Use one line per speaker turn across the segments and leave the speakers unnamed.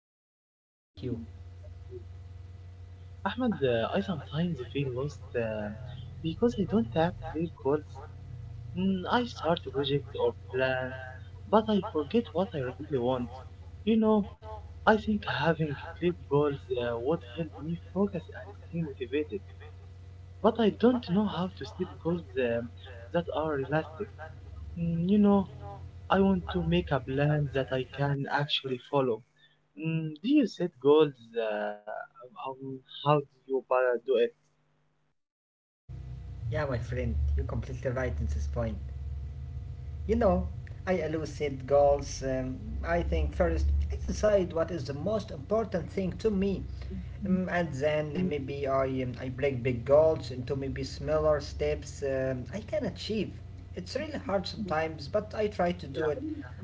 I am fine, my friend. Thank you.
Ahmed, I sometimes feel lost because I don't have clear goals. I start a project or plans, but I forget what I really want. You know, I think having clear goals would help me focus and stay motivated. But I don't know how to set goals um that are realistic. You know, I want to make a plan that I can actually follow. Do you set goals? Um, how do you para do it?
Yeah, my friend, you're completely right in this point. You know, I elucidate goals. I think first I decide what is the most important thing to me. And then maybe I break big goals into maybe smaller steps I can achieve. It's really hard
Yeah,
sometimes, but I try to do it.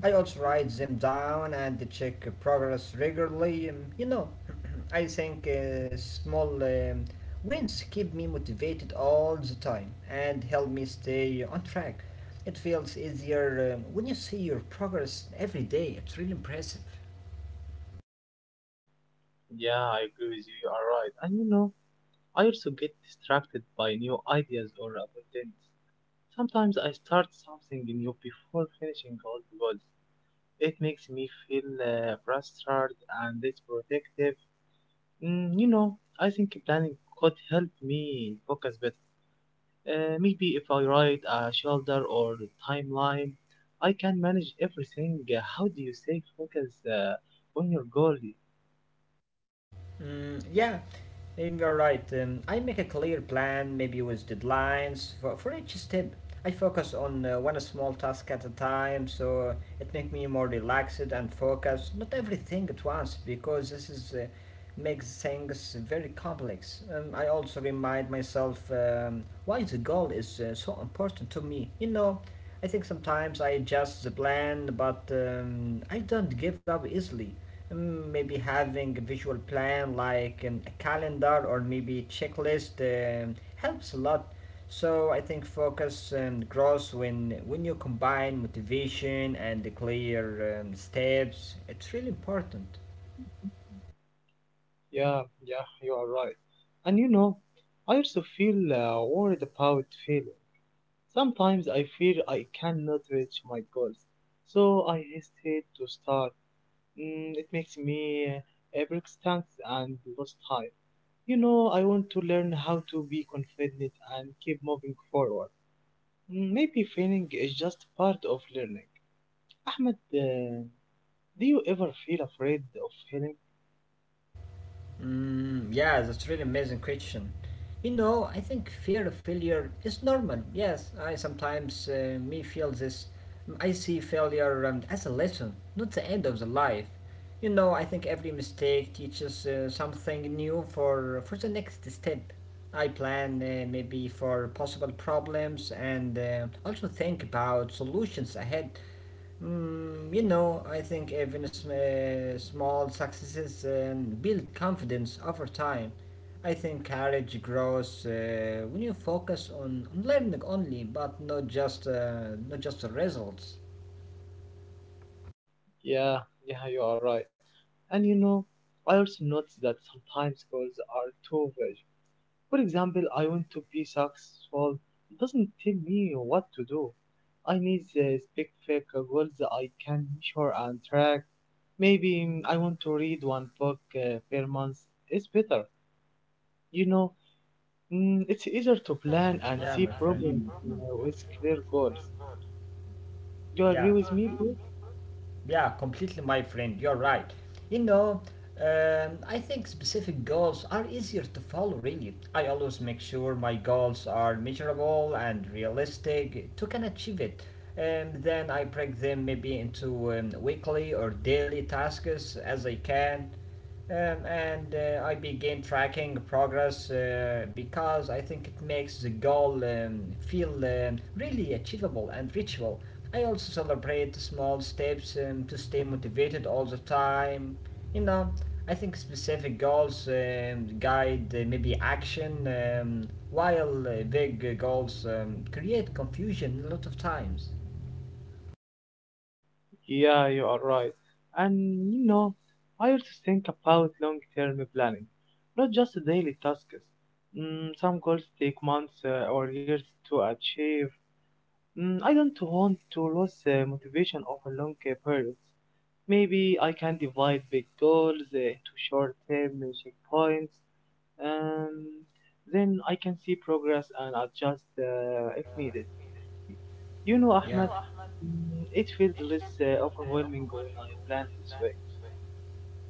I also write them down and check progress regularly. You know, I think small wins keep me motivated all the time and help me stay on track. It feels easier when you see your progress every day. It's really impressive.
yeah, I agree with you. You are right. And you know, I also get distracted by new ideas or opportunities. Sometimes I start something new before finishing all the goals. It makes me feel frustrated and it's protective. You know, I think planning could help me focus better. Maybe if I write a shoulder or timeline, I can manage everything. How do you stay focused on your goal?
Yeah, you're right. I make a clear plan, maybe with deadlines for each step. I focus on one small task at a time, so it makes me more relaxed and focused. Not everything at once, because this is makes things very complex. I also remind myself why the goal is so important to me. You know, I think sometimes I adjust the plan, but I don't give up easily. Maybe having a visual plan like a calendar or maybe checklist helps a lot. So I think focus and growth when you combine motivation and the clear steps, it's really important.
Yeah, you are right. And you know, I also feel worried about failing. Sometimes I feel I cannot reach my goals, so I hesitate to start. It makes me persistent and lose time. You know, I want to learn how to be confident and keep moving forward. Maybe failing is just part of learning. Ahmed, do you ever feel afraid of failing?
Yeah, that's really amazing question. You know, I think fear of failure is normal. Yes, I sometimes me feel this. I see failure as a lesson, not the end of the life. You know, I think every mistake teaches something new for the next step. I plan maybe for possible problems and also think about solutions ahead. You know, I think even small successes build confidence over time. I think courage grows when you focus on learning only, but not just the results.
Yeah, yeah, you are right. And you know, I also notice that sometimes goals are too vague. For example, I want to be successful. It doesn't tell me what to do. I need specific goals that I can measure and track. Maybe I want to read one book per month. It's better. You know, it's easier to plan and see problems with clear goals. Do you agree
Yeah.
with me, bro?
Yeah, completely, my friend. You're right. You know, I think specific goals are easier to follow, really. I always make sure my goals are measurable and realistic to can achieve it. Then I break them maybe into weekly or daily tasks as I can. And I begin tracking progress because I think it makes the goal feel really achievable and reachable. I also celebrate the small steps to stay motivated all the time. You know, I think specific goals guide maybe action, while big goals create confusion a lot of times.
Yeah, you are right. And you know, I also think about long-term planning, not just daily tasks. Some goals take months or years to achieve. I don't want to lose motivation over long periods. Maybe I can divide big goals into short-term checkpoints. Um, then I can see progress and adjust if needed. You know, Ahmed, it feels less overwhelming when I plan this way.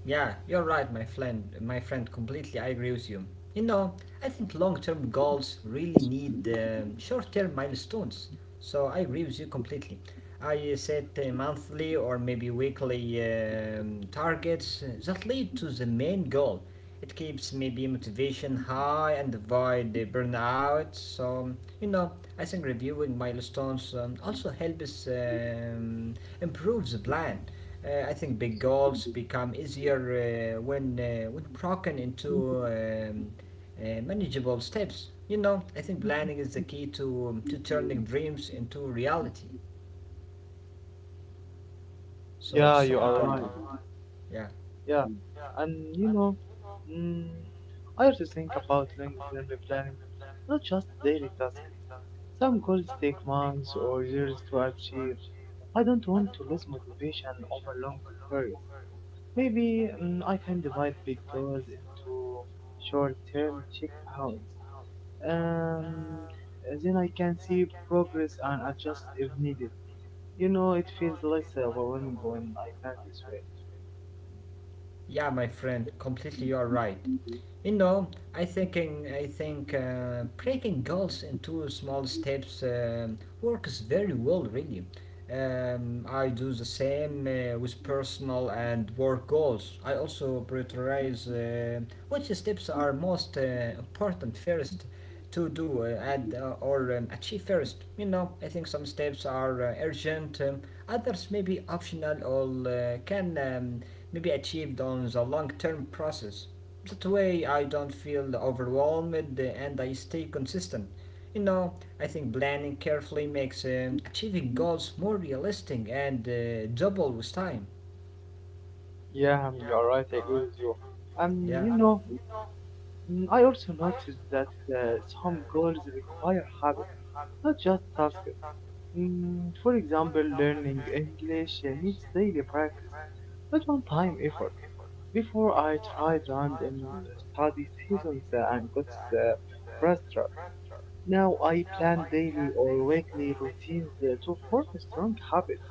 Yeah, you're right, my friend. My friend, completely, I agree with you. You know, I think long-term goals really need short-term milestones. So I agree with you completely. I set monthly or maybe weekly targets that lead to the main goal. It keeps maybe motivation high and avoid the burnout. So you know, I think reviewing milestones also helps improve the plan. I think big goals become easier uh, when broken into manageable steps. You know, I think planning is the key to turning dreams into reality. So
Yeah,
it's
you
so
are right.
yeah.
Yeah. And you know, mm, I also think about long-term planning, not just daily tasks. Some goals take months or years to achieve. I don't want to lose motivation over long periods. Maybe I can divide big goals into short-term checkpoints. Um, then I can see progress and adjust if needed. You know, it feels less overwhelming when I plan this way.
Yeah, my friend, completely you're right. You know, I think breaking goals into small steps works very well, really. I do the same with personal and work goals. I also prioritize which steps are most important first to do and or achieve first. You know, I think some steps are urgent, others may be optional or can maybe achieved on the long term process. That way I don't feel overwhelmed and I stay consistent. You know, I think planning carefully makes achieving goals more realistic and double with time.
Yeah, you are right. I agree with you.
Yeah.
You know, I also noticed that some goals require habits, not just tasks. For example, learning English needs daily practice, not one-time effort. Before I tried random study seasons and got uh, frustrated. Now I plan daily or weekly routines to form strong habits.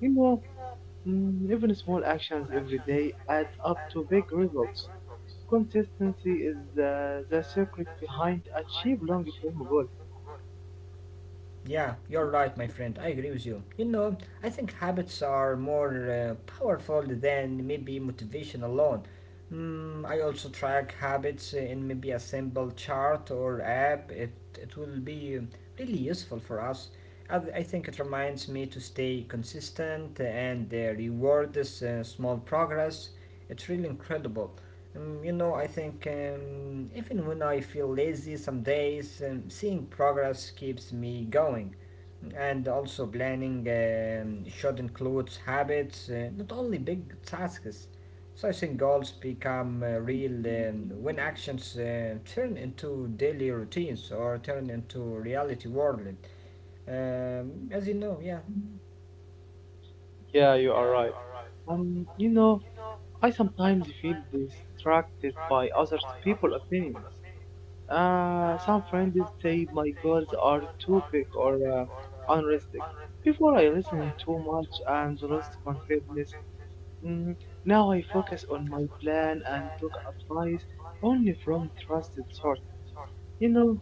You know, even small actions every day add up to big results. Consistency is the secret behind achieve long-term goals.
Yeah, you're right, my friend. I agree with you. You know, I think habits are more powerful than maybe motivation alone. I also track habits in maybe a simple chart or app. It will be really useful for us. I think it reminds me to stay consistent and reward this small progress. It's really incredible. You know, I think even when I feel lazy some days, seeing progress keeps me going. And also, planning should include habits, not only big tasks. So I think goals become real when actions turn into daily routines or turn into reality world. As you know, yeah,
Yeah, you are right. You know, I sometimes feel distracted by other people's opinions. Some friends say my goals are too big or unrealistic. Before I listened too much and lost confidence. Mm, now I focus on my plan and took advice only from trusted sources. You know,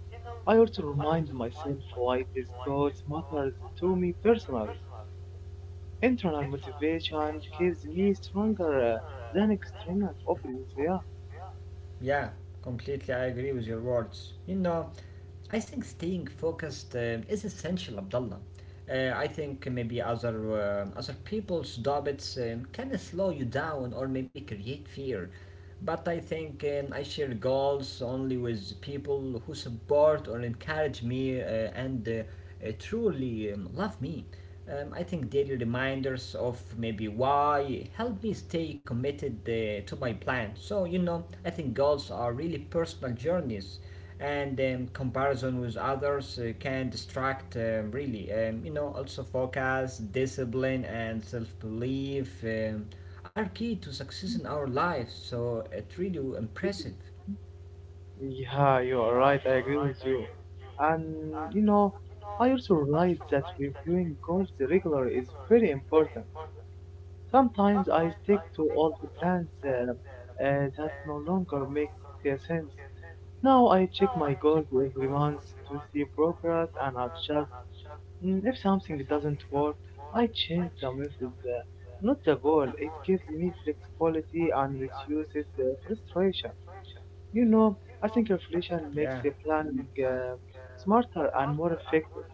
I also remind myself why these goals matters to me personally. Internal motivation keeps me stronger than external opinions. Yeah.
yeah, completely. I agree with your words. You know, I think staying focused is essential, Abdullah. I think maybe other people's doubts can slow you down or maybe create fear. But I think I share goals only with people who support or encourage me and truly love me. I think daily reminders of maybe why help me stay committed to my plan. So, you know, I think goals are really personal journeys, and comparison with others can distract, really. You know, also focus, discipline, and self belief are key to success in our lives. So, it's really impressive.
Yeah, you are right. I agree with you. And you know, I also realize that reviewing goals regularly is very important. Sometimes I stick to all the plans that no longer make sense. Now I check my goals every month to see progress and adjust. If something doesn't work, I change the method, not the goal. It gives me flexibility and reduces frustration. You know, I think inflation makes
Yeah.
the planning smarter and more effective.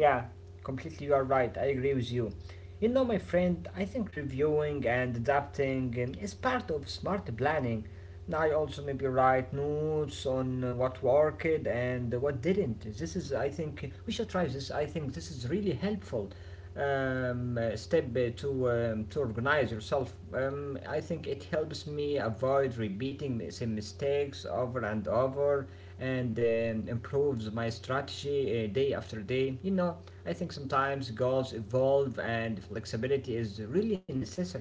Yeah, completely you are right. I agree with you. You know, my friend, I think reviewing and adapting is part of smart planning. Now, I also maybe write notes on what worked and what didn't. This is, I think, we should try this. I think this is really helpful step to to organize yourself. I think it helps me avoid repeating the same mistakes over and over and improves my strategy day after day. You know, I think sometimes goals evolve and flexibility is really necessary.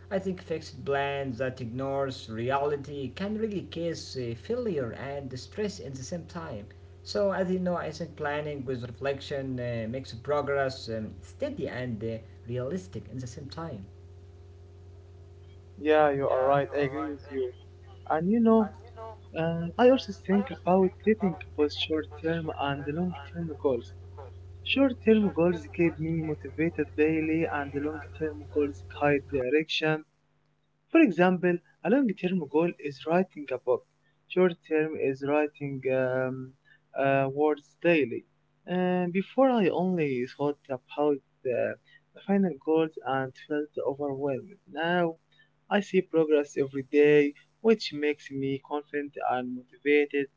I think fixed plans that ignores reality can really cause failure and stress at the same time. So as you know, I think planning with reflection makes progress steady and realistic at the same time.
Yeah, you are right. I agree with you. And you know, I also think about setting both short-term and long-term goals. Short-term goals keep me motivated daily, and the long-term goals guide direction. For example, a long term goal is writing a book, short term is writing words daily. And before, I only thought about the, the final goals and felt overwhelmed. Now, I see progress every day, which makes me confident and motivated.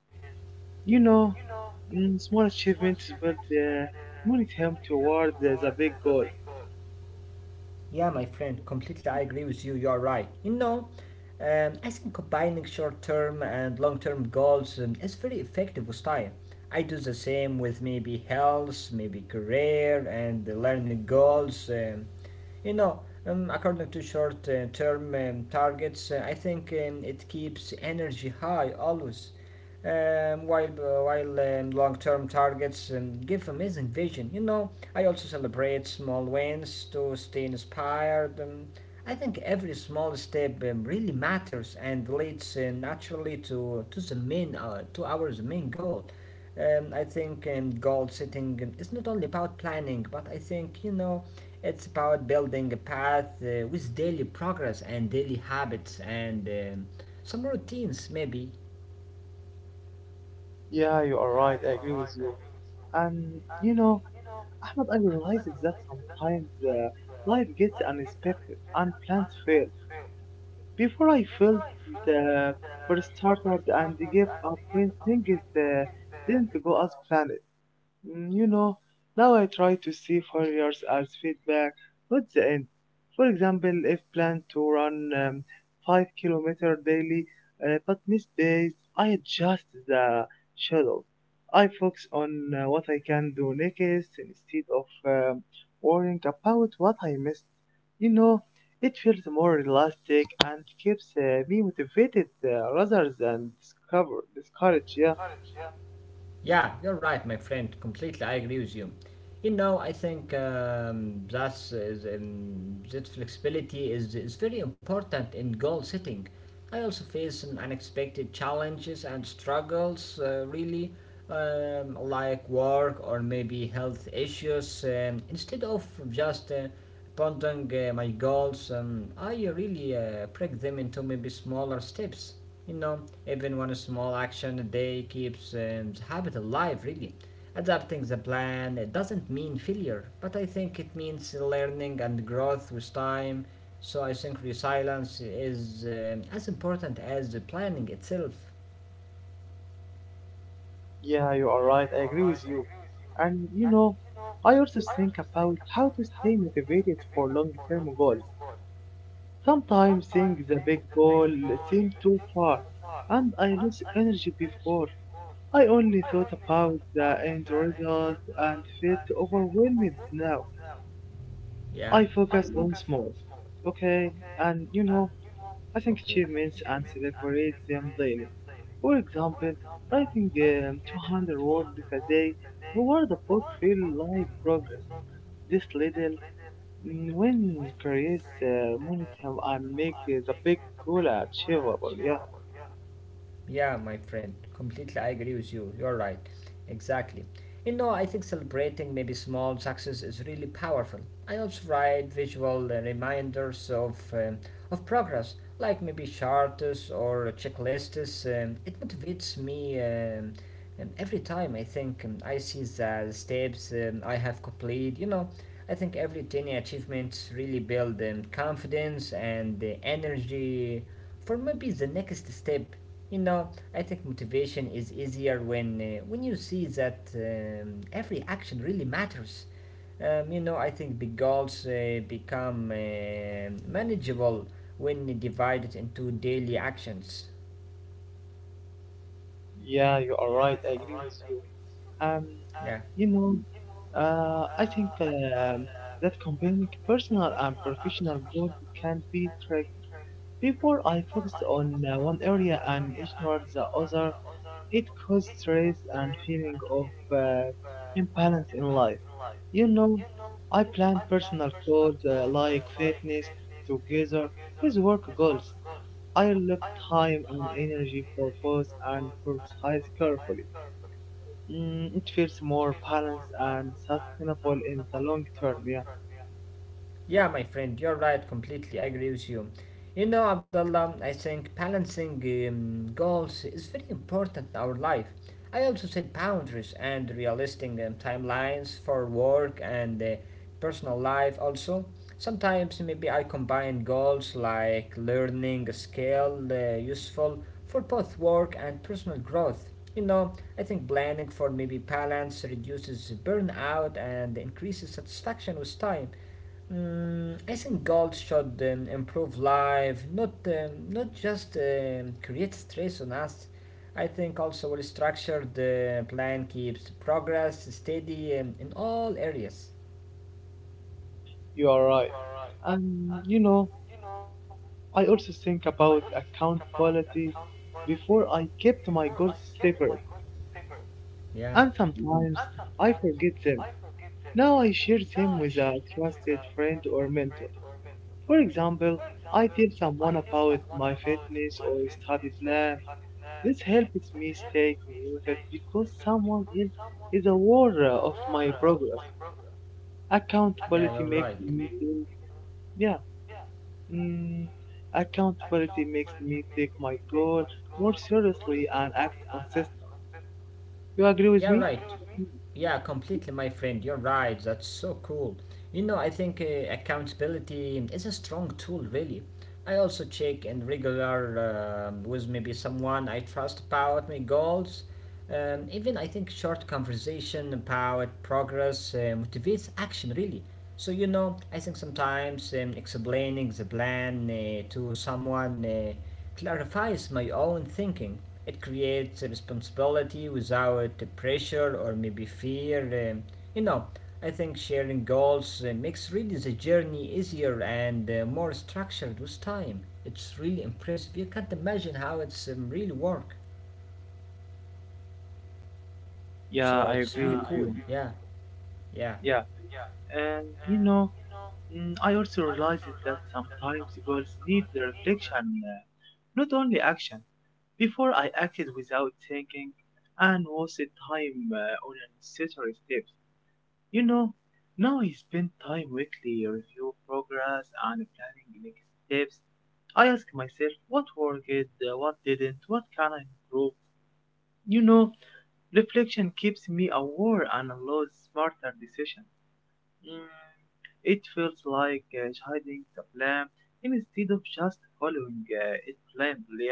You know, small achievements build the momentum towards the big goal.
Yeah, my friend, completely I agree with you. You're right. You know, I think combining short term and long term goals is very effective with time. I do the same with maybe health, maybe career, and the learning goals. You know, according to short term targets, I think it keeps energy high always, while long term targets give amazing vision. You know, I also celebrate small wins to stay inspired. I think every small step really matters and leads naturally to the main, to our main goal. I think goal setting is not only about planning, but I think you know it's about building a path with daily progress and daily habits and some routines, maybe.
Yeah, you are right. I agree with you. And you know, Ahmed, I realized that sometimes life gets unexpected, unplanned fail. Before I felt uh, for started and gave up when things didn't go as planned. You know, now I try to see failures as feedback, not the end. For example, if planned to run 5-kilometer daily, but miss days, I adjust the schedule. I focus on what I can do next instead of worrying about what I missed. You know, it feels more elastic and keeps me motivated rather than discouraged. Yeah.
Yeah, you're right, my friend. Completely, I agree with you. You know, I think that flexibility is very important in goal setting. I also face an unexpected challenges and struggles, really, like work or maybe health issues. Instead of just pondering my goals, I really break them into maybe smaller steps. You know, even one small action a day keeps the habit alive, really. Adapting the plan, it doesn't mean failure, but I think it means learning and growth with time. So I think resilience is as important as the planning itself.
Yeah, you are right. I agree with you. And you know, I also think about how to stay motivated for long-term goals. Sometimes seeing the big goal seems too far, and I lose energy before. I only thought about the end result and felt overwhelmed now. I
Yeah,
focus on small. Okay, and you know, I think
okay.
achievements and celebrate them daily. For example, writing um, 200 words a day toward a book feel like progress. This little win creates momentum and make the big goal achievable. Yeah,
Yeah, my friend, completely I agree with you. You're right. Exactly. You know, I think celebrating maybe small success is really powerful. I also write visual reminders of progress, like maybe charts or checklists. It motivates me every time I see the steps I have completed. You know, I think every tiny achievements really build confidence and the energy for maybe the next step. You know, I think motivation is easier when you see that every action really matters. You know, I think big goals become manageable when divided into daily actions.
yeah, you are right. I agree with you. Um, you know, I think that combining personal and professional goals can be tricky. Before I focused on one area and ignored the other, it caused stress and feeling of imbalance in life. You know, I planned personal goals like fitness together with work goals. I look time and energy for both and prioritize carefully. It feels more balanced and sustainable in the long term. Yeah,
Yeah, my friend, you're right. Completely, I agree with you. You know, Abdullah, I think balancing goals is very important in our life. I also set boundaries and realistic timelines for work and personal life. Also, sometimes maybe I combine goals like learning a skill useful for both work and personal growth. You know, I think planning for maybe balance reduces burnout and increases satisfaction with time. I think goals should improve life, not just create stress on us. I think also a structured plan keeps progress steady in all areas.
you are right. And you know, I also think about account quality. Before I kept my goals separate,
Yeah,
and sometimes I forget them. Now I share them with a trusted friend or mentor. For example, I tell someone about my fitness or study plan. This helps me stay committed because someone else is aware of my progress.
yeah,
Accountability
you're right.
makes me think, yeah, Mm, accountability makes me take my goal more seriously and act consistent. You agree
Yeah,
with
right.
me?
Yeah, completely, my friend. You're right. That's so cool. You know, I think accountability is a strong tool, really. I also check in regular with maybe someone I trust about my goals. Even I think short conversation about progress motivates action, really. So you know, I think sometimes explaining the plan to someone clarifies my own thinking. It creates a responsibility without the pressure or maybe fear. You know, I think sharing goals makes really the journey easier and more structured with time. It's really impressive. You can't imagine how it's really work. So
Yeah, I
it's
agree with you.
yeah, yeah.
Yeah. And you know, I also realized that sometimes goals need the reflection, not only action. Before I acted without thinking and wasted time on unnecessary steps. You know, now I spend time weekly review progress and planning next steps. I ask myself what worked, what didn't, what can I improve. You know, reflection keeps me aware and allows smarter decisions. Mm, It feels like hiding the plan instead of just following it blindly.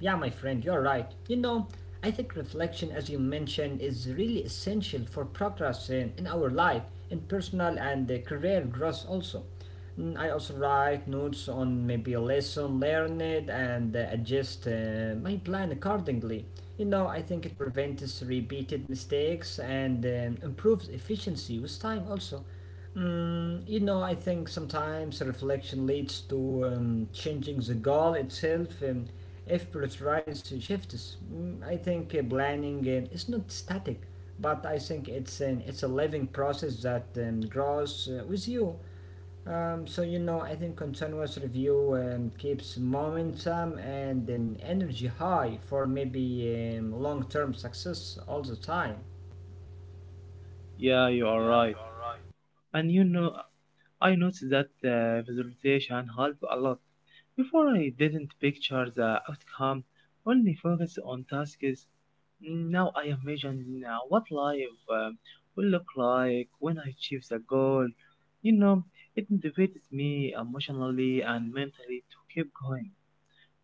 Yeah, my friend, you're right. You know, I think reflection, as you mentioned, is really essential for progress in our life, in personal and career growth also. Mm, I also write notes on maybe a lesson learned and adjust my plan accordingly. You know, I think it prevents repeated mistakes and improves efficiency with time also. Mm, you know, I think sometimes reflection leads to changing the goal itself. If prioritize shifts, I think planning is not static, but I think it's a living process that grows with you. So you know, I think continuous review keeps momentum and an energy high for maybe long-term success all the time.
Yeah, you are right. And you know, I noticed that the visualization helped a lot. Before I didn't picture the outcome, only focus on tasks. Now I imagine what life will look like when I achieve the goal. You know, it motivates me emotionally and mentally to keep going.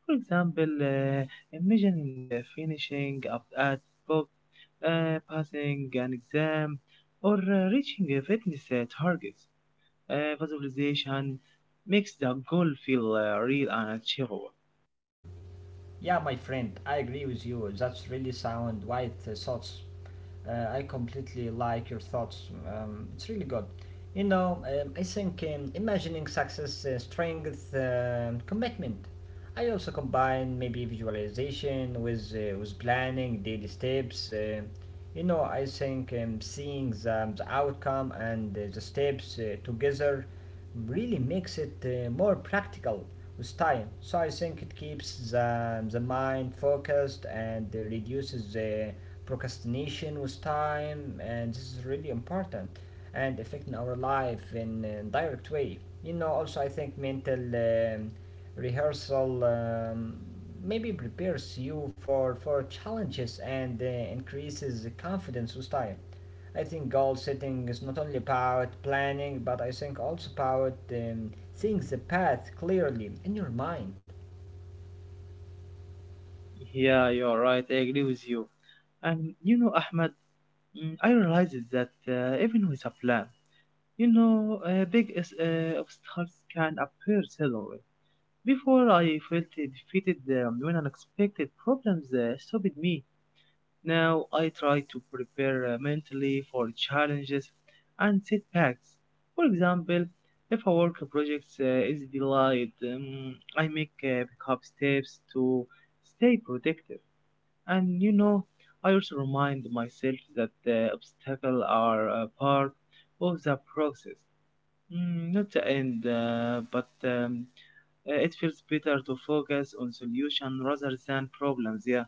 For example, imagining finishing up at book, passing an exam, or reaching a fitness targets. Visualization makes the goal feel real and achievable.
Yeah, my friend, I agree with you. That's really sound, wide thoughts. I completely like your thoughts. It's really good. You know, I think imagining success, strength, commitment. I also combine maybe visualization with planning, daily steps. You know, I think seeing the outcome and the steps together really makes it more practical with time. So I think it keeps the mind focused and reduces the procrastination with time, and this is really important and affecting our life in a direct way. You know, also I think mental rehearsal maybe prepares you for challenges and increases the confidence with time. I think goal setting is not only about planning, but I think also about seeing the path clearly in your mind.
Yeah, you're right. I agree with you. And you know, Ahmed, I realized that even with a plan, you know, obstacles can appear suddenly. Before I felt defeated when unexpected problems stopped me. Now I try to prepare mentally for challenges and setbacks. For example, if a work project is delayed, I make backup steps to stay protected. And you know, I also remind myself that the obstacles are part of the process. Not the end, but it feels better to focus on solution rather than problems. Yeah,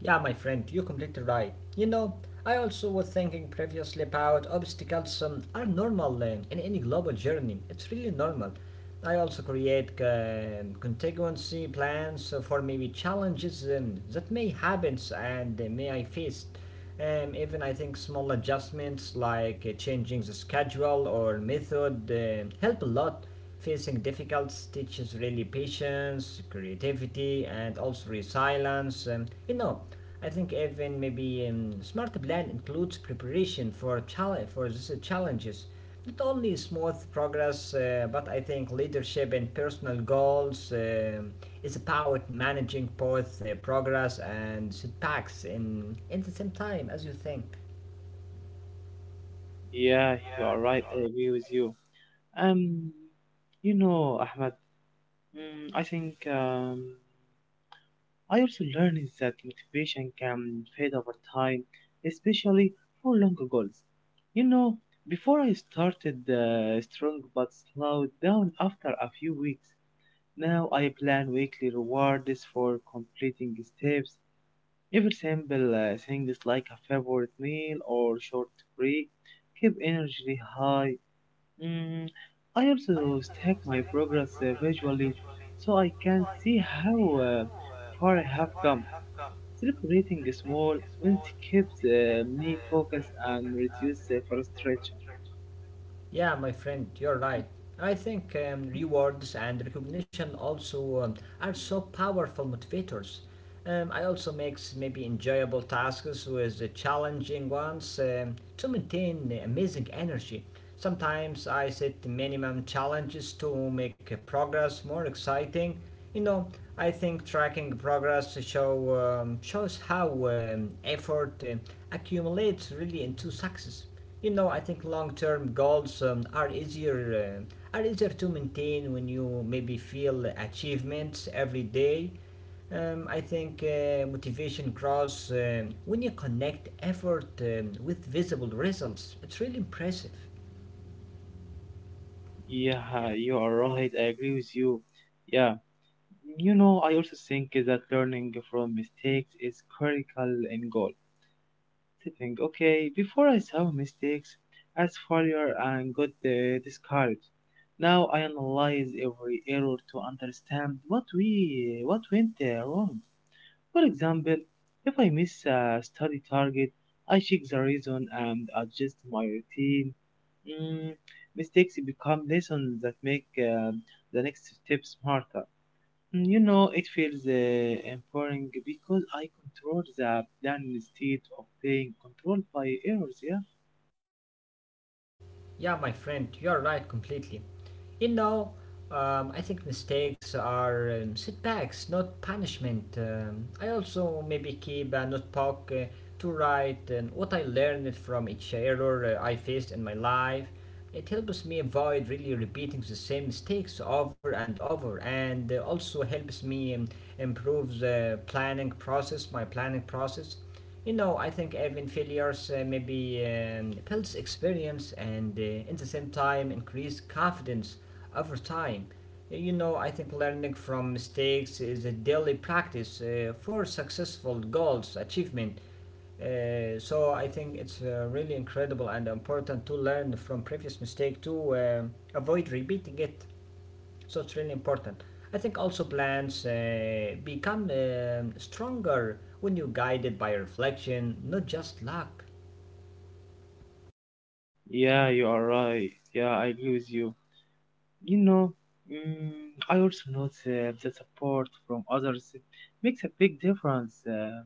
Yeah, my friend, you're completely right. You know, I also was thinking previously about obstacles are normal in any global journey. It's really normal. I also create contingency plans for maybe challenges that may happen and may I face. Even I think small adjustments like changing the schedule or method help a lot. Facing difficult teaches really patience, creativity, and also resilience. You know, I think even maybe smart plan includes preparation for these challenges. Not only smooth progress, but I think leadership and personal goals is about managing both progress and setbacks in the same time as you think.
yeah, you are right. I agree with you. Um, you know, Ahmed, I think I also learned that motivation can fade over time, especially for longer goals. You know, before I started strong but slowed down after a few weeks. Now I plan weekly rewards for completing steps. Even simple things like a favorite meal or short break keep energy high. Mm, I also stack my progress visually so I can see how far I have come. Celebrating small wins keeps me focused and reduce frustration.
Yeah, my friend, you're right. I think rewards and recognition also are so powerful motivators. I also makes maybe enjoyable tasks with challenging ones to maintain amazing energy. Sometimes I set minimum challenges to make progress more exciting. You know, I think tracking progress shows how effort accumulates really into success. You know, I think long-term goals are easier to maintain when you maybe feel achievements every day. I think motivation grows when you connect effort with visible results. It's really impressive.
Yeah, you are right. I agree with you. Yeah, I also think that learning from mistakes is critical in goal. Think, okay, before I saw mistakes as failure and got discouraged. Now I analyze every error to understand what went wrong. For example, if I miss a study target, I check the reason and adjust my routine. Mm, Mistakes become lessons that make the next step smarter. It feels empowering because I control the plan instead of being controlled by errors, yeah?
Yeah, my friend, you're right completely. You know, I think mistakes are setbacks, not punishment. I also maybe keep a notebook to write and what I learned from each error I faced in my life. It helps me avoid really repeating the same mistakes over and over, and also helps me improve the planning process, my planning process. You know, I think even failures maybe builds experience and at the same time increase confidence over time. You know, I think learning from mistakes is a daily practice for successful goals achievement. So I think it's really incredible and important to learn from previous mistake to avoid repeating it. So it's really important. I think also plans become stronger when you're guided by reflection, not just luck.
Yeah, you are right. Yeah, I agree with you. You know, I also notice the support from others makes a big difference.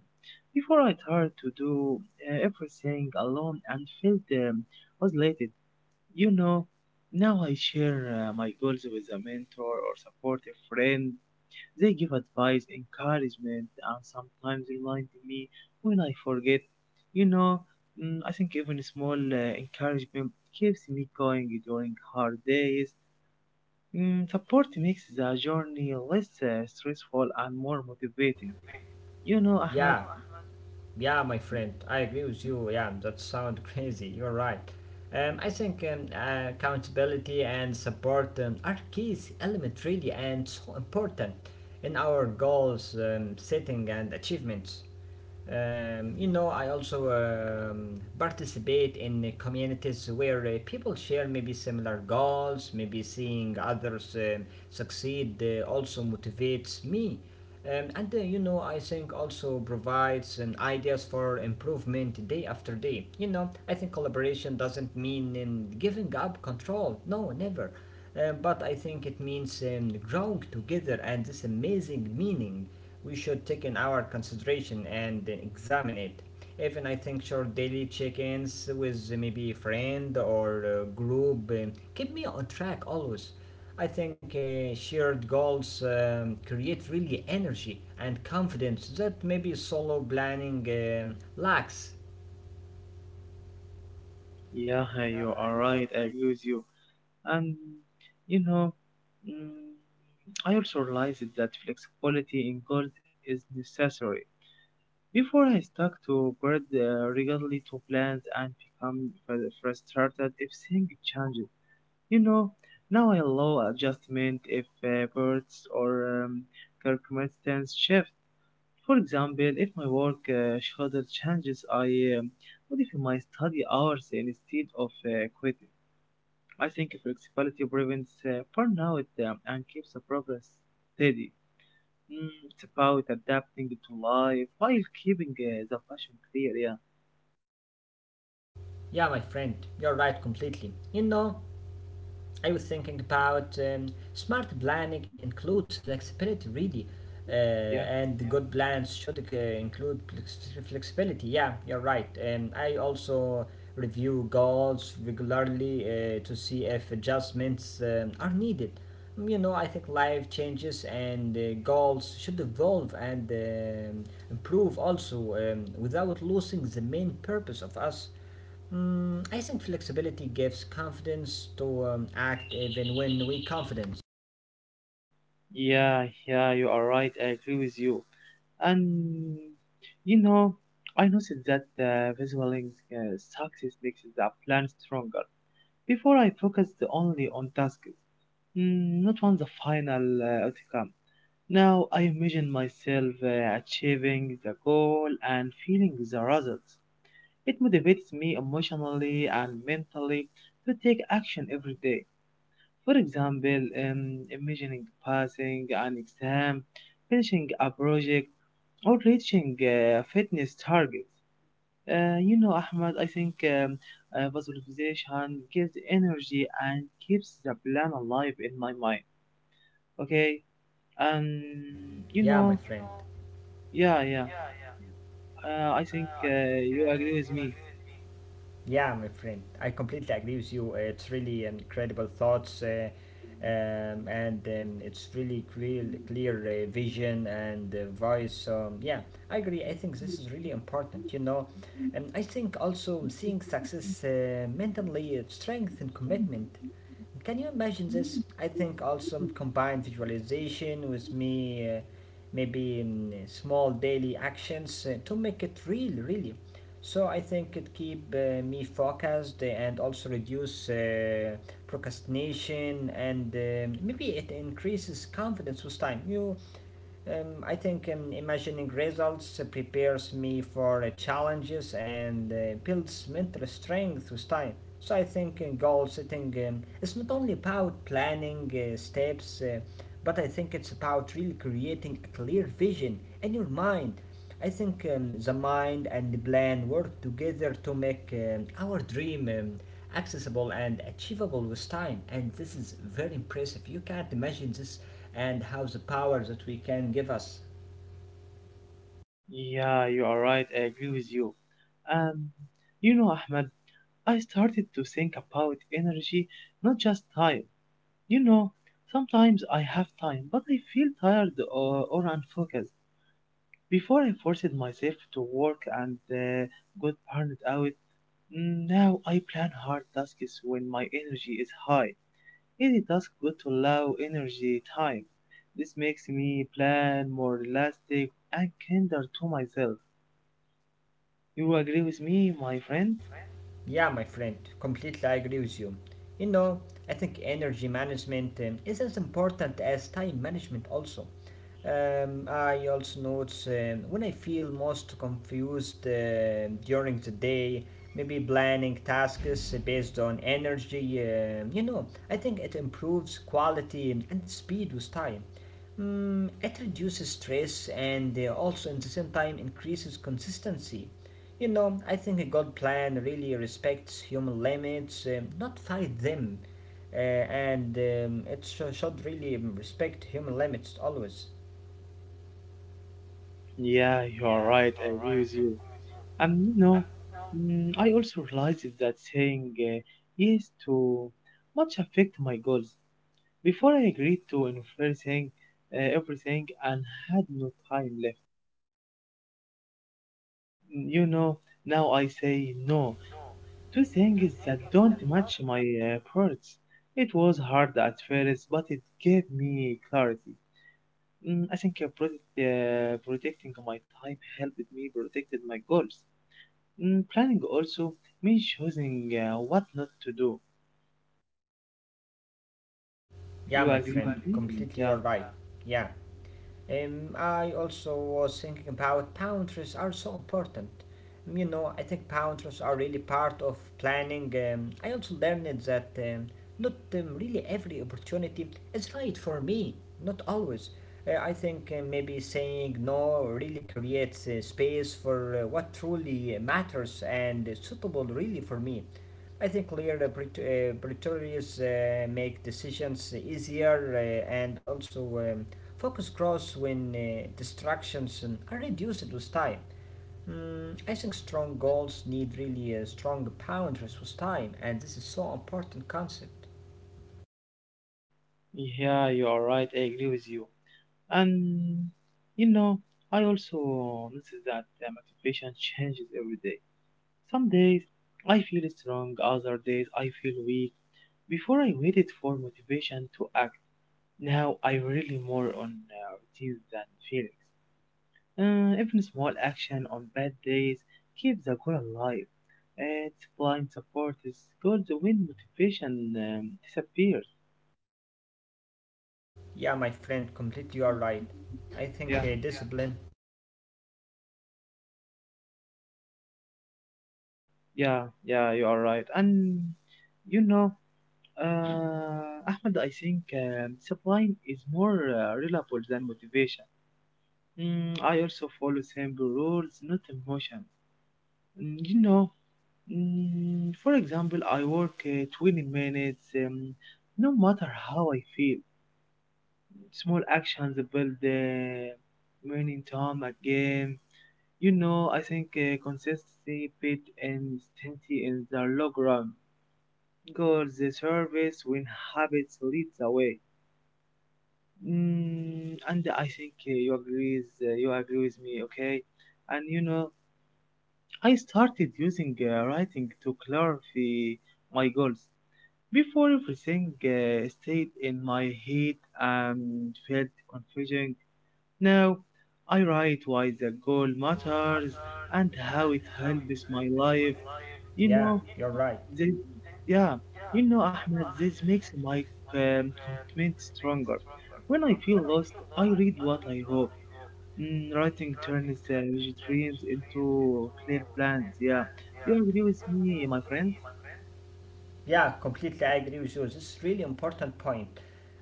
Before I tried to do everything alone and felt isolated. You know, Now I share my goals with a mentor or supportive friend. They give advice, encouragement, and sometimes remind me when I forget. You know, I think even small encouragement keeps me going during hard days. Support makes the journey less stressful and more motivating.
Yeah,
Ahmed.
yeah, my friend, I agree with you. Yeah, that sounds crazy. You're right. I think accountability and support are keys element really and so important in our goals setting and achievements. You know, I also participate in communities where people share maybe similar goals, maybe seeing others succeed also motivates me. And You know, I think also provides ideas for improvement day after day. You know, I think collaboration doesn't mean in giving up control. No, never but I think it means growing together and this amazing meaning we should take in our consideration and examine it. Even I think short daily check-ins with maybe a friend or group keep me on track always. I think shared goals create really energy and confidence that maybe solo planning lacks.
Yeah, you are right. I agree with you. And you know, mm, I also realized that flexibility in goals is necessary. Before I stuck to bird regularly to plans and become frustrated if things changes. You know, Now I allow adjustment if birds or circumstances shift. For example, if my work schedule changes, I um, modify my study hours instead of quitting. I think flexibility prevents burnout and keeps the progress steady. It's about adapting to life while keeping the passion clear, yeah.
Yeah, my friend, you're right completely. You know, I was thinking about smart planning includes flexibility, really,
Yeah,
and good plans should flexibility. Yeah, you're right. I also review goals regularly to see if adjustments are needed. You know, I think life changes and goals should evolve and improve also without losing the main purpose of us. Mm, I think flexibility gives confidence to act even when we confidence.
yeah, yeah, you are right. I agree with you. And you know, I noticed that the visual link, success makes the plan stronger. Before I focused only on tasks, not on the final outcome. Now I imagine myself achieving the goal and feeling the results. It motivates me emotionally and mentally to take action every day. For example, imagining passing an exam, finishing a project, or reaching fitness targets. Ahmad, I think visualization gives energy and keeps the plan alive in my mind. Okay, and you
Yeah,
know,
my friend.
yeah, yeah. I think you agree with me.
Yeah, my friend. I completely agree with you. It's really incredible thoughts, and it's really clear vision and voice. So, yeah, I agree. I think this is really important. You know, and I think also seeing success mentally, strength, and commitment. Can you imagine this? I think also combined visualization with me, maybe small daily actions to make it real, really. So I think it keep me focused and also reduce procrastination and maybe it increases confidence with time. You I think imagining results prepares me for challenges and builds mental strength with time. So I think goal setting is not only about planning steps, but I think it's about really creating a clear vision in your mind. I think the mind and the plan work together to make our dream accessible and achievable with time. And this is very impressive. You can't imagine this and how the power that we can give us.
Yeah, you are right. I agree with you. Um, Ahmed, I started to think about energy, not just time. You know, Sometimes I have time, but I feel tired or unfocused. Before I forced myself to work and got burned out, now I plan hard tasks when my energy is high. Any task good to allow energy time. This makes me plan more elastic and kinder to myself. You agree with me, my friend?
Yeah, my friend, completely I agree with you. You know, I think energy management is as important as time management also. I also notice when I feel most confused during the day, maybe planning tasks based on energy, you know, I think it improves quality and speed with time. Mm, it reduces stress and also at the same time increases consistency. You know, I think a God plan really respects human limits, not fight them. And It should really respect human limits always.
Yeah, you are right. I agree with you. And I also realized that saying yes to much affect my goals. Before I agreed to everything, everything, and had no time left. Mm, You know, Now I say no to things that don't match my priorities. It was hard at first, but it gave me clarity. I think protecting my time helped me protect my goals. Planning also means choosing what not to do.
Yeah,
You
my
agree
friend,
with me?
completely
Yeah.
you're right. Yeah. I also was thinking about boundaries are so important. You know, I think boundaries are really part of planning. I also learned that not really every opportunity is right for me, not always. I think maybe saying no really creates space for what truly matters and suitable really for me. I think clear Pretorius make decisions easier and also focus grows when distractions are reduced with time. Mm, I think strong goals need really strong boundaries with time, and this is so important concept.
Yeah, you are right. I agree with you. And you know, I also notice that motivation changes every day. Some days I feel strong, other days I feel weak. Before I waited for motivation to act, now I really more on routines than feelings. Even small action on bad days keeps the goal alive. Discipline supports goals when motivation disappears.
Yeah, my friend, completely you are right. I think
Yeah,
discipline.
yeah, yeah, you are right. And you know, uh, Ahmed, I think discipline is more reliable than motivation. I also follow simple rules, not emotions. Mm, you know, for example, I work 20 minutes no matter how I feel. Small actions build winning time at game. I think consistency beat intensity in the long run. Goals, the service, win habits leads the way. And I think you agree. You agree with me, okay? And I started using writing to clarify my goals. Before everything stayed in my head and felt confusing. Now, I write why the goal matters and how it helps my life. You
Yeah.
know, this, yeah, Ahmed, this makes my um, commitment stronger. When I feel lost, I read what I wrote. Writing turns rigid dreams into clear plans. Yeah, you agree with me, my friend?
Yeah, completely. I agree with you. This is really important point.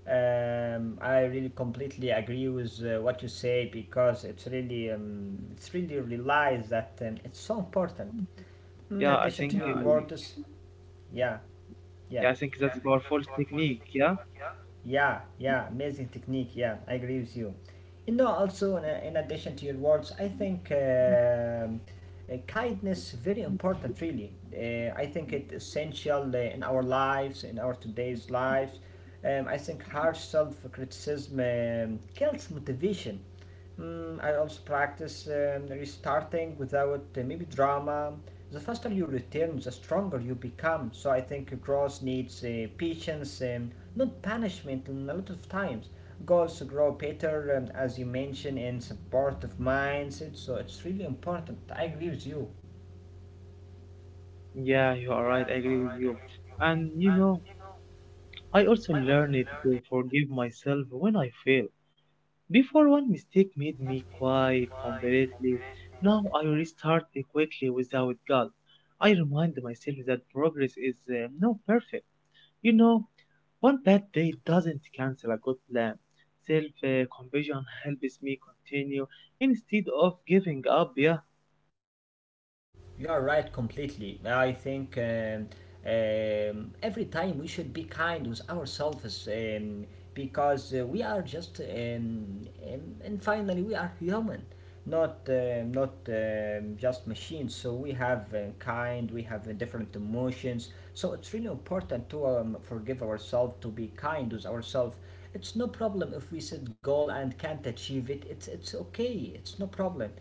I really completely agree with what you say because it's really realized that it's so important. In
Yeah,
addition to words, yeah,
I
yeah.
think that's a powerful technique. Yeah,
Yeah, yeah, amazing technique. Yeah, I agree with you. You know, also in addition to your words, I think kindness very important. Really, I think it essential in our lives, in our today's lives. I think harsh self criticism kills motivation. Mm, I also practice restarting without maybe drama. The faster you return, the stronger you become. So I think growth needs patience, not punishment, and a lot of times. Goals grow better, as you mentioned, in supportive minds. So it's really important. I agree with you.
yeah, you are right. I agree with you. And I also learned to forgive myself when I fail. Before one mistake made me quiet completely, now I restart quickly without guilt. I remind myself that progress is not perfect. You know, One bad day doesn't cancel a good plan. Self compassion helps me continue instead of giving up. Yeah,
You are right completely. I think every time we should be kind with ourselves, because we are just, and finally, we are human. Not just machines. So we have kind, we have different emotions. So it's really important to forgive ourselves, to be kind with ourselves. It's no problem if we set goal and can't achieve it. It's okay. It's no problem,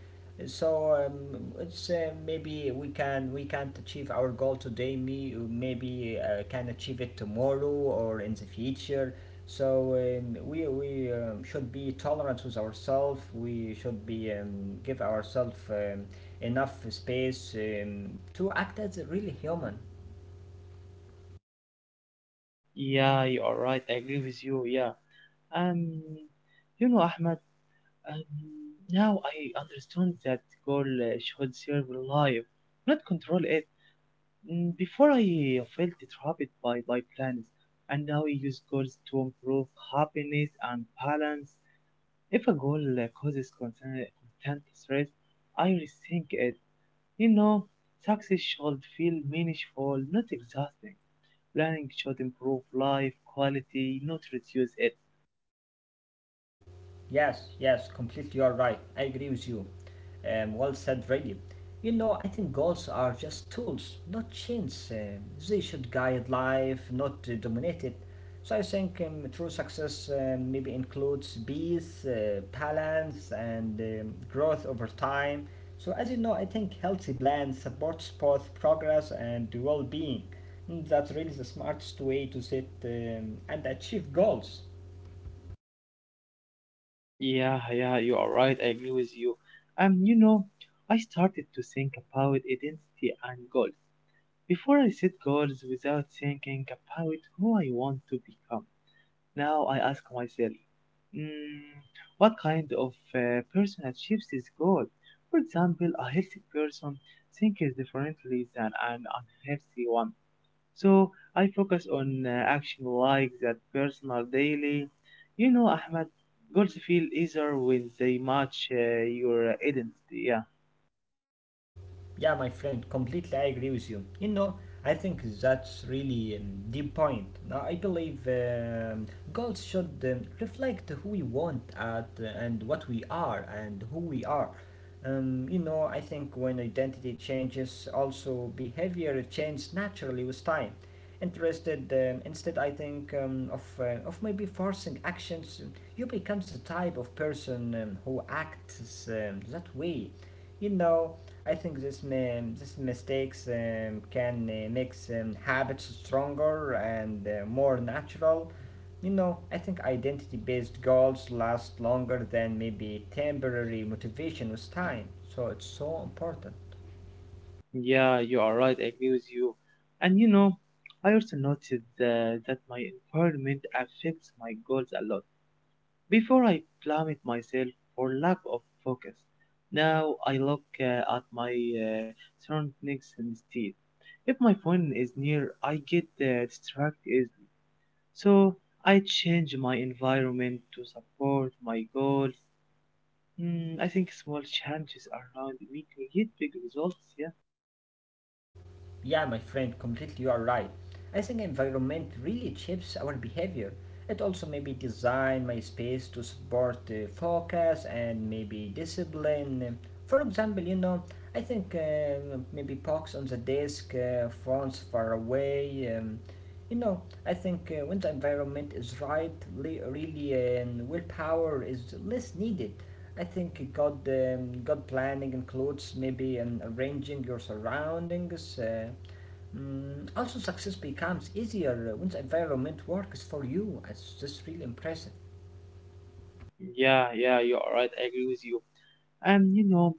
so it's maybe we can't achieve our goal today. Me maybe can achieve it tomorrow or in the future. So we should be tolerant with ourselves. We should be, give ourselves enough space to act as a really human.
yeah, you are right. I agree with you. Yeah, and Ahmed. Um, Now I understand that goal should serve life, not control it. Before I felt trapped by plans, and now I use goals to improve happiness and balance. If a goal causes constant stress, I rethink it. You know, Success should feel meaningful, not exhausting. Planning should improve life quality, not reduce it.
Yes, yes, completely you're right. I agree with you. Well said, really. You know, I think goals are just tools, not chains. They should guide life, not dominate it. So I think true success maybe includes peace, balance, and growth over time. So as you know, I think healthy plans supports both progress and well-being. Mm, that's really the smartest way to set and achieve goals.
Yeah, yeah, you are right. I agree with you. Um, you know, I started to think about identity and goals. Before I set goals without thinking about who I want to become. Now I ask myself, mm, what kind of person achieves this goal? For example, a healthy person thinks differently than an unhealthy one. So I focus on action like that personal daily. Ahmed, goals feel easier when they match your identity. Yeah,
Yeah, my friend, completely I agree with you. You know, I think that's really deep point. Now, I believe goals should reflect who we want at and what we are and who we are. You know, I think when identity changes, also behavior changes naturally with time. Interested, instead, I think of maybe forcing actions, you becomes the type of person who acts that way. You know, I think this mistakes can make habits stronger and more natural. You know, I think identity-based goals last longer than maybe temporary motivation with time. So it's so important.
yeah, you are right. I agree with you. And I also noticed that my environment affects my goals a lot. Before I blamed myself for lack of focus. Now I look at my uh, surroundings instead. If my phone is near, I get distracted easily. So I change my environment to support my goals. I think small changes around me create big results. Yeah.
Yeah, my friend, completely you are right. I think environment really shapes our behavior. It also maybe design my space to support focus and maybe discipline. For example, you know, I think maybe box on the desk, phones far away. You know, I think when the environment is right, li really, willpower is less needed. I think God, God planning includes maybe arranging your surroundings. Also, success becomes easier when the environment works for you. It's just really impressive.
Yeah, yeah, you are right. I agree with you. Um, you know,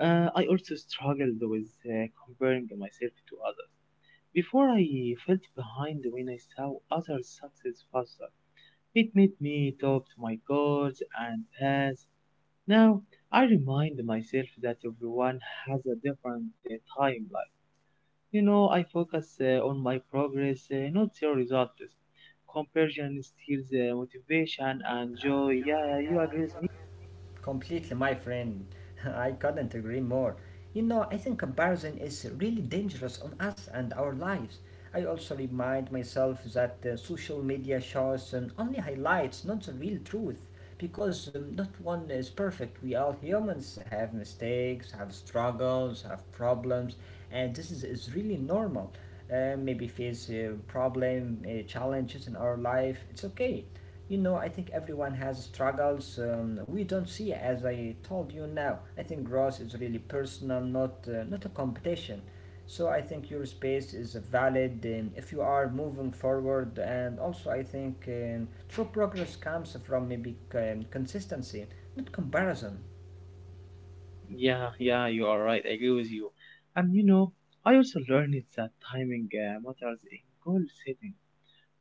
I also struggled with comparing myself to others. Before I felt behind when I saw others success faster. It made me doubt my goals and paths. Now I remind myself that everyone has a different timeline. I focus on my progress, not your results. Comparison steals motivation and joy. Yeah, you agree with me?
Completely, my friend. I couldn't agree more. You know, I think comparison is really dangerous on us and our lives. I also remind myself that social media shows, only highlights, not the real truth, because not one is perfect. We all humans have mistakes, have struggles, have problems, and this is really normal. Maybe face problem, challenges in our life. It's okay. You know, I think everyone has struggles, we don't see. As I told you now, I think growth is really personal, not a competition. So I think your space is valid if you are moving forward. And also I think true progress comes from maybe consistency, not comparison.
Yeah, yeah, you are right. I agree with you. And I also learned that timing matters in goal setting.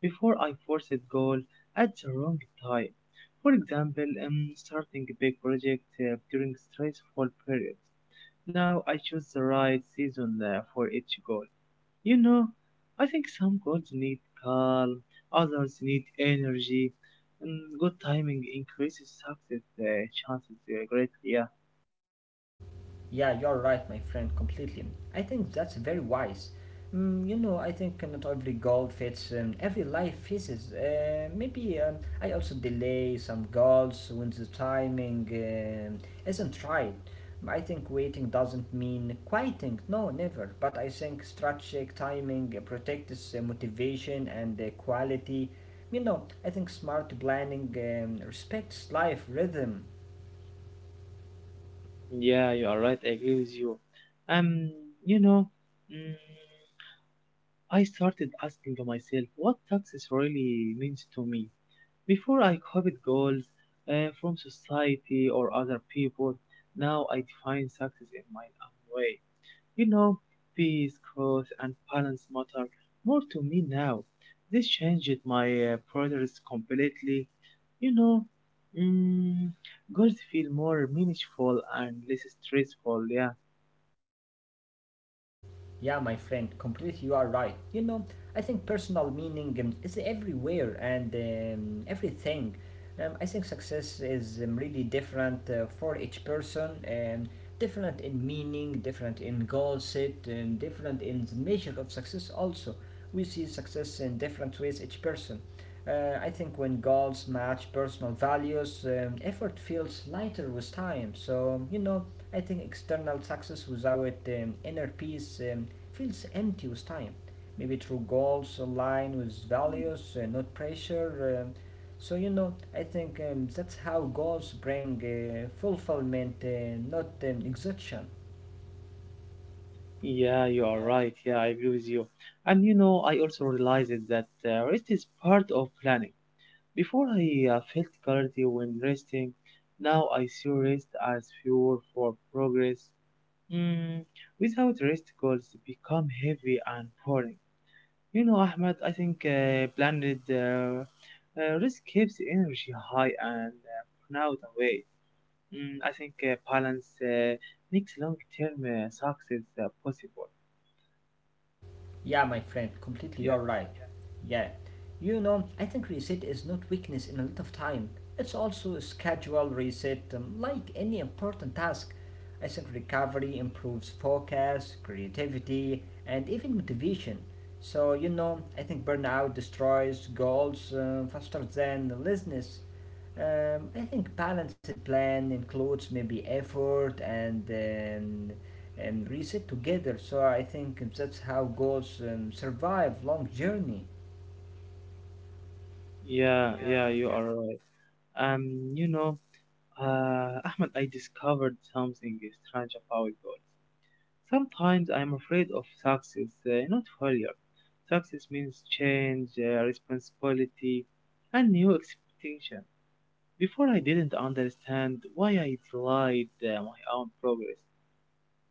Before I force a goal at the wrong time. For example, starting a big project during stressful periods. Now I choose the right season for each goal. You know, I think some goals need calm, others need energy, and good timing increases success chances greatly. Yeah,
Yeah, you're right, my friend, completely. I think that's very wise. Mm, you know, I think not every goal fits every life phases. Maybe I also delay some goals when the timing isn't right. I think waiting doesn't mean quieting, no, never. But I think strategic timing protects motivation and quality. You know, I think smart planning respects life rhythm.
yeah, you are right. I agree with you. Um, you know, mm, I started asking myself what success really means to me. Before I copied goals from society or other people, now I define success in my own way. You know, Peace, growth, and balance matter more to me now. This changed my priorities completely. You know, mm, Goals feel more meaningful and less stressful. Yeah,
Yeah, my friend, completely you are right. You know, I think personal meaning is everywhere and everything. I think success is, really different for each person, different in meaning, different in goal set, different in the measure of success also. We see success in different ways each person. I think when goals match personal values, effort feels lighter with time. So, you know, I think external success without inner peace feels empty with time. Maybe through goals aligned with values, not pressure. So, you know, I think that's how goals bring fulfillment, not exhaustion.
yeah, you are right. Yeah, I agree with you. And I also realized that rest is part of planning. Before I felt clarity when resting, now I see rest as fuel for progress. Mm, Without rest goals become heavy and boring. Ahmed, I think planned uh, rest keeps energy high and burnout away. I think balance makes long-term success possible.
Yeah, my friend, completely
Yeah,
you're right. Yeah. You know, I think reset is not weakness in a lot of time. It's also a schedule reset, like any important task. I think recovery improves focus, creativity, and even motivation. So, you know, I think burnout destroys goals faster than laziness. I think balanced plan includes maybe effort and, and reset together. So I think that's how goals survive long journey.
yeah, yeah, you are right. Um, you know, Ahmed, I discovered something strange about goals. Sometimes I'm afraid of success, not failure. Success means change, responsibility, and new expectation. Before I didn't understand why I delayed my own progress.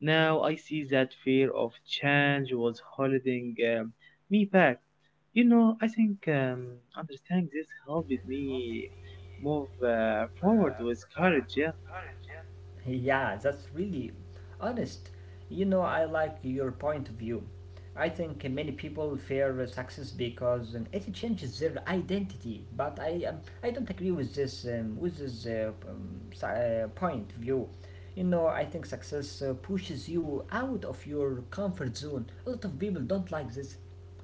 Now I see that fear of change was holding me back. I think understanding this helped me move forward with courage. Yeah.
Yeah, that's really honest. You know, I like your point of view. I think many people fear success because it changes their identity. But I don't agree with this with this point of view. You know, I think success pushes you out of your comfort zone. A lot of people don't like this.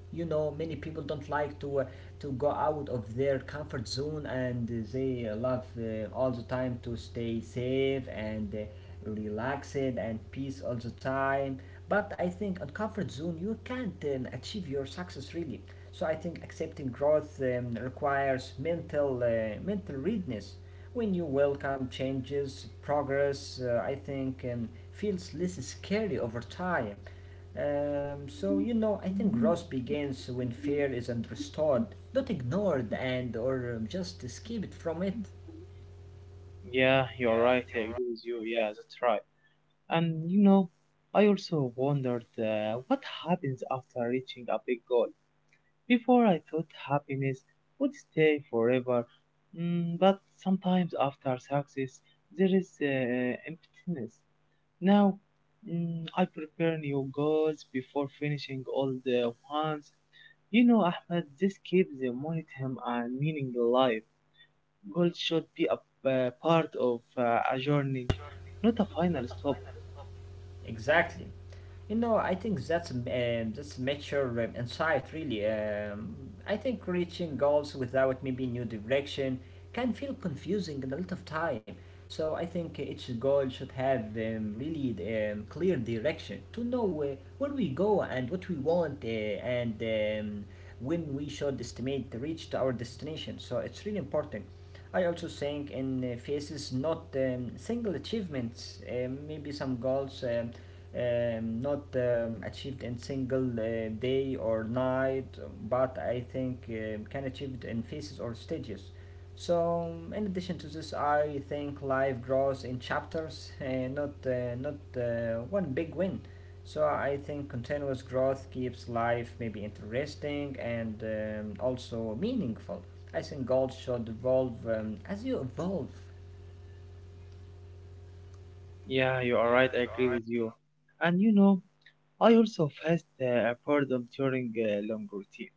You know, many people don't like to go out of their comfort zone, and they love all the time to stay safe and, relaxed and peace all the time. But I think on comfort zone you can't achieve your success really. So I think accepting growth requires mental readiness. When you welcome changes progress, I think feels less scary over time. So you know, I think growth begins when fear isn't restored. Not ignored and or just escape it from it.
Yeah, you're right. I agree with you. Yeah, that's right. And I also wondered what happens after reaching a big goal. Before, I thought happiness would stay forever, but sometimes after success, there is emptiness. Now, I prepare new goals before finishing all the ones. Ahmed, this keeps the momentum and meaning alive. Goals should be a part of a journey, not a final stop.
Exactly. You know, I think that's mature insight, really. I think reaching goals without maybe new direction can feel confusing in a lot of time. So I think each goal should have really clear direction to know where we go and what we want, and when we should estimate the reach to our destination. So it's really important. I also think in phases, not single achievements, maybe some goals. Not achieved in single day or night, but I think can achieved in phases or stages. So, in addition to this, I think life grows in chapters, not one big win. So I think continuous growth keeps life maybe interesting and also meaningful. I think goals should evolve as you evolve.
Yeah, you are right. I agree with you. And I also faced boredom during a long routine.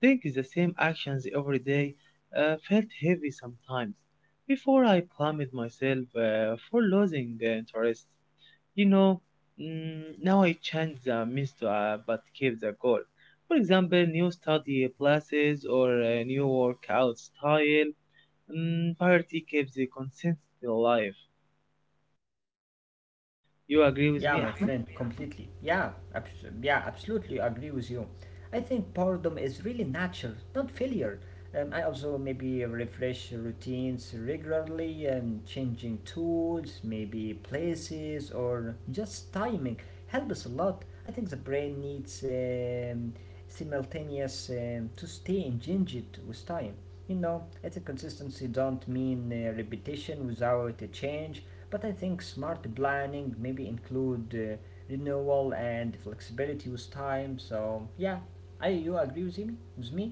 Think the same actions every day felt heavy sometimes. Before I blamed myself for losing the interest. You know, Now I change the means to but keep the goal. For example, new study classes or a new workout style. Poverty keeps the consent alive. You agree with
Yeah,
me,
my
Ahmed?
friend, completely. Yeah, absolutely agree with you. I think boredom is really natural, not failure. I also maybe refresh routines regularly, changing tools, maybe places, or just timing helps a lot. I think the brain needs simultaneous to stay engaged with time. You know, I think consistency don't mean repetition without a change. But I think smart planning maybe include renewal and flexibility with time. So yeah, I, you agree with me? With me?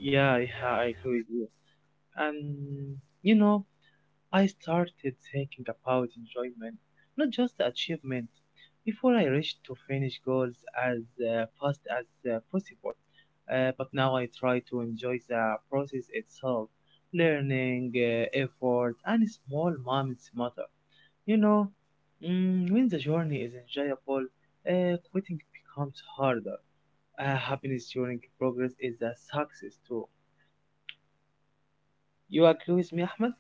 Yeah, yeah, I agree with you. And you know, I started thinking about enjoyment, not just achievement. Before I reached to finish goals as fast as possible, but now I try to enjoy the process itself. Learning, effort, and small moments matter. You know, when the journey is enjoyable, quitting becomes harder. Happiness during progress is a success too. You agree with me, Ahmed?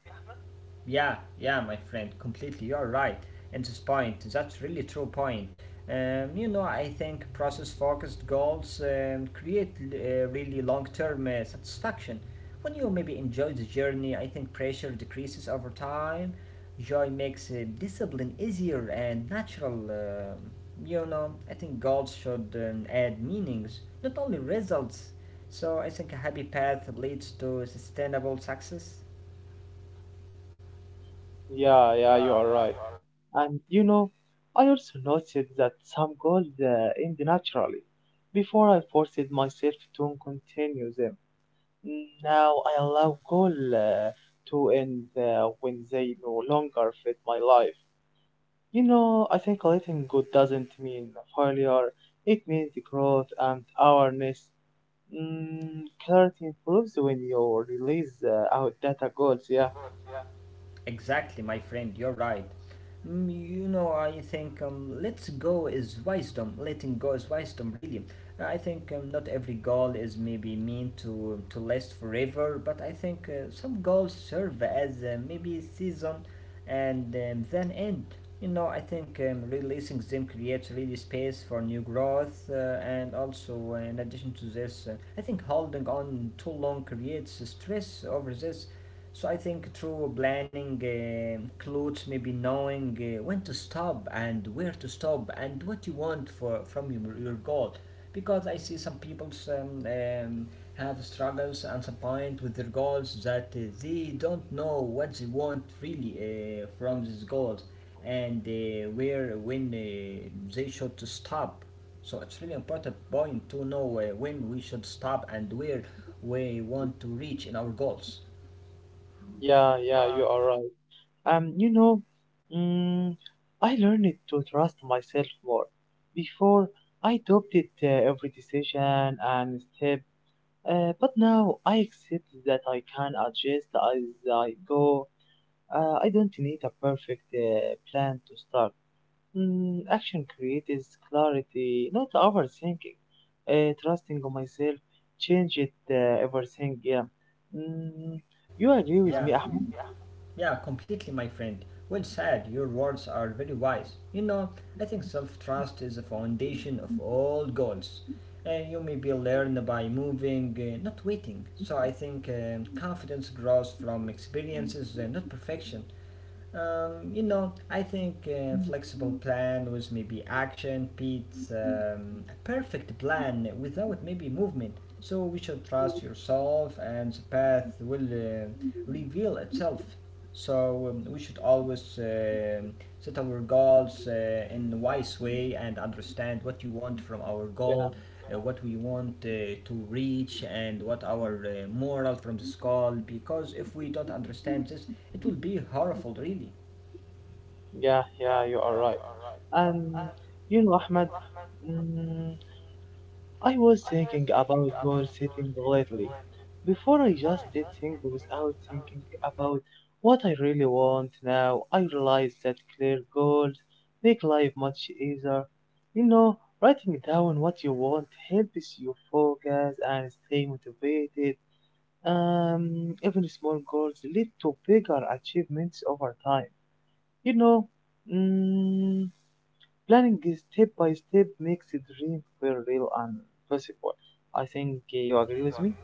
Yeah, yeah, my friend, completely. You're right. And this point, that's really true point. You know, I think process-focused goals create really long-term satisfaction. When you maybe enjoy the journey, I think pressure decreases over time. Joy makes discipline easier and natural. You know, I think goals should add meanings, not only results. So I think a happy path leads to sustainable success.
Yeah, yeah, you are right. And I also noticed that some goals end naturally before I forced myself to continue them. Now I allow goals to end when they no longer fit my life. I think letting go doesn't mean failure. It means growth and awareness. Clarity improves when you release out data goals. Yeah,
Exactly, my friend, you're right. Mm, you know, I think let's go is wisdom. Letting go is wisdom, really. I think not every goal is maybe meant to, to last forever, but I think some goals serve as maybe a season and then end. You know, I think releasing them creates really space for new growth, and also in addition to this, I think holding on too long creates stress over this. So I think through planning, clothes, maybe knowing when to stop and where to stop and what you want for from your goal, because I see some people have struggles at some point with their goals, that they don't know what they want really from these goals, and where when they should to stop. So it's really important point to know when we should stop and where we want to reach in our goals.
yeah, yeah. You are right. Um, you know, mm, I learned to trust myself more. Before, I doubted every decision and step. But now I accept that I can adjust as I go. I don't need a perfect plan to start. Action creates clarity, not overthinking. Trusting on myself, change it, everything. Yeah. Mm, you agree with me, Ahmed?
Yeah, completely, my friend. Well said. Your words are very wise. You know, I think self trust is the foundation of all goals. You may be learned by moving, not waiting. So I think confidence grows from experiences, not perfection. You know, I think flexible plan was maybe action beats a perfect plan without maybe movement. So we should trust yourself, and the path will reveal itself. So we should always set our goals in a wise way and understand what you want from our goal,
Yeah,
what we want to reach, and what our moral from this goal. Because if we don't understand this, it will be horrible, really.
yeah, yeah. You are right. And Ahmed. Mm, I was thinking about goal-setting lately. Before I just did things without thinking about what I really want now, I realize that clear goals make life much easier. Writing down what you want helps you focus and stay motivated. Even small goals lead to bigger achievements over time. You know, mm, Planning is step by step makes the dream feel real and possible. I think you agree with me.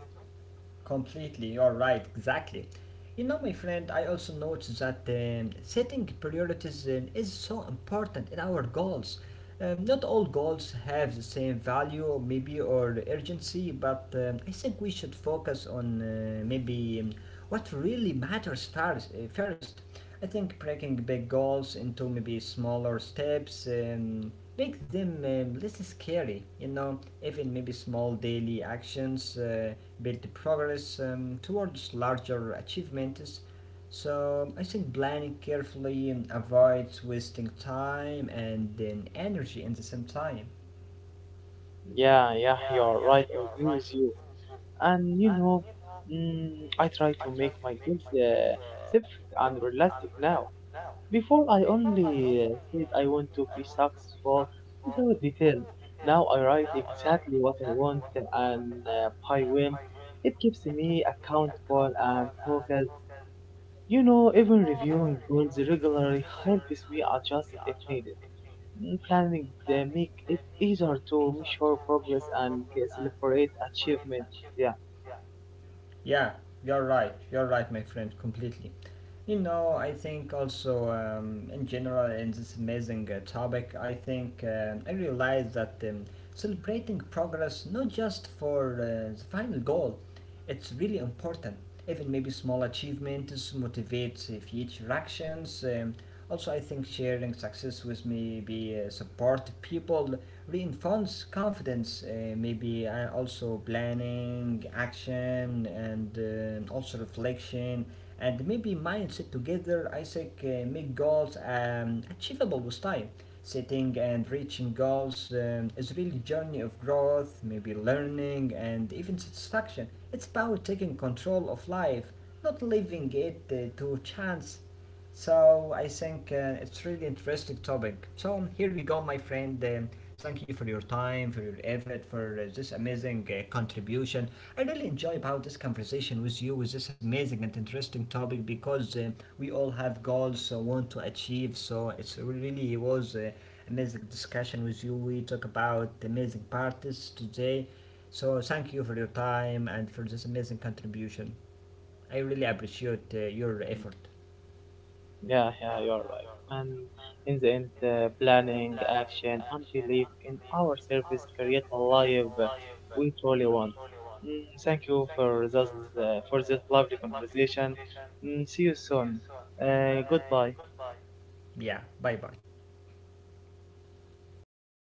Completely, you're right, exactly. You know, my friend, I also noticed that setting priorities is so important in our goals. Not all goals have the same value, maybe, or urgency, but I think we should focus on maybe what really matters first. First. I think breaking big goals into maybe smaller steps, make them less scary. You know, even maybe small daily actions build progress towards larger achievements. So I think planning carefully avoids wasting time and then energy in the same time.
Yeah, yeah, you're right. I agree with you. And I try to make my goals separate and realistic now. Before I only said I want to be successful without details. Now I write exactly what I want and by when. It keeps me accountable and focused. Even reviewing goals regularly helps me adjust it if needed. Planning make it easier to measure progress and celebrate achievements. Yeah,
Yeah, you're right. You're right, my friend, completely. You know, I think also in general in this amazing topic, I think I realized that celebrating progress not just for the final goal, it's really important. Even maybe small achievements motivates, future actions. Also, I think sharing success with maybe support people reinforce confidence, maybe also planning, action, and also reflection, and maybe mindset together. I think make goals achievable with time. Setting and reaching goals is really a journey of growth, maybe learning and even satisfaction. It's about taking control of life, not leaving it to chance. So I think it's really interesting topic. So here we go, my friend. Thank you for your time, for your effort, for this amazing contribution. I really enjoy about this conversation with you with this amazing and interesting topic, because we all have goals so want to achieve. So it's really it was amazing discussion with you. We talk about amazing parties today. So thank you for your time and for this amazing contribution. I really appreciate your effort.
yeah, yeah, you're right. And in the end, planning, action, and belief in our service create a life we truly want. Thank you for this lovely conversation. See you soon. Goodbye.
Yeah, bye bye.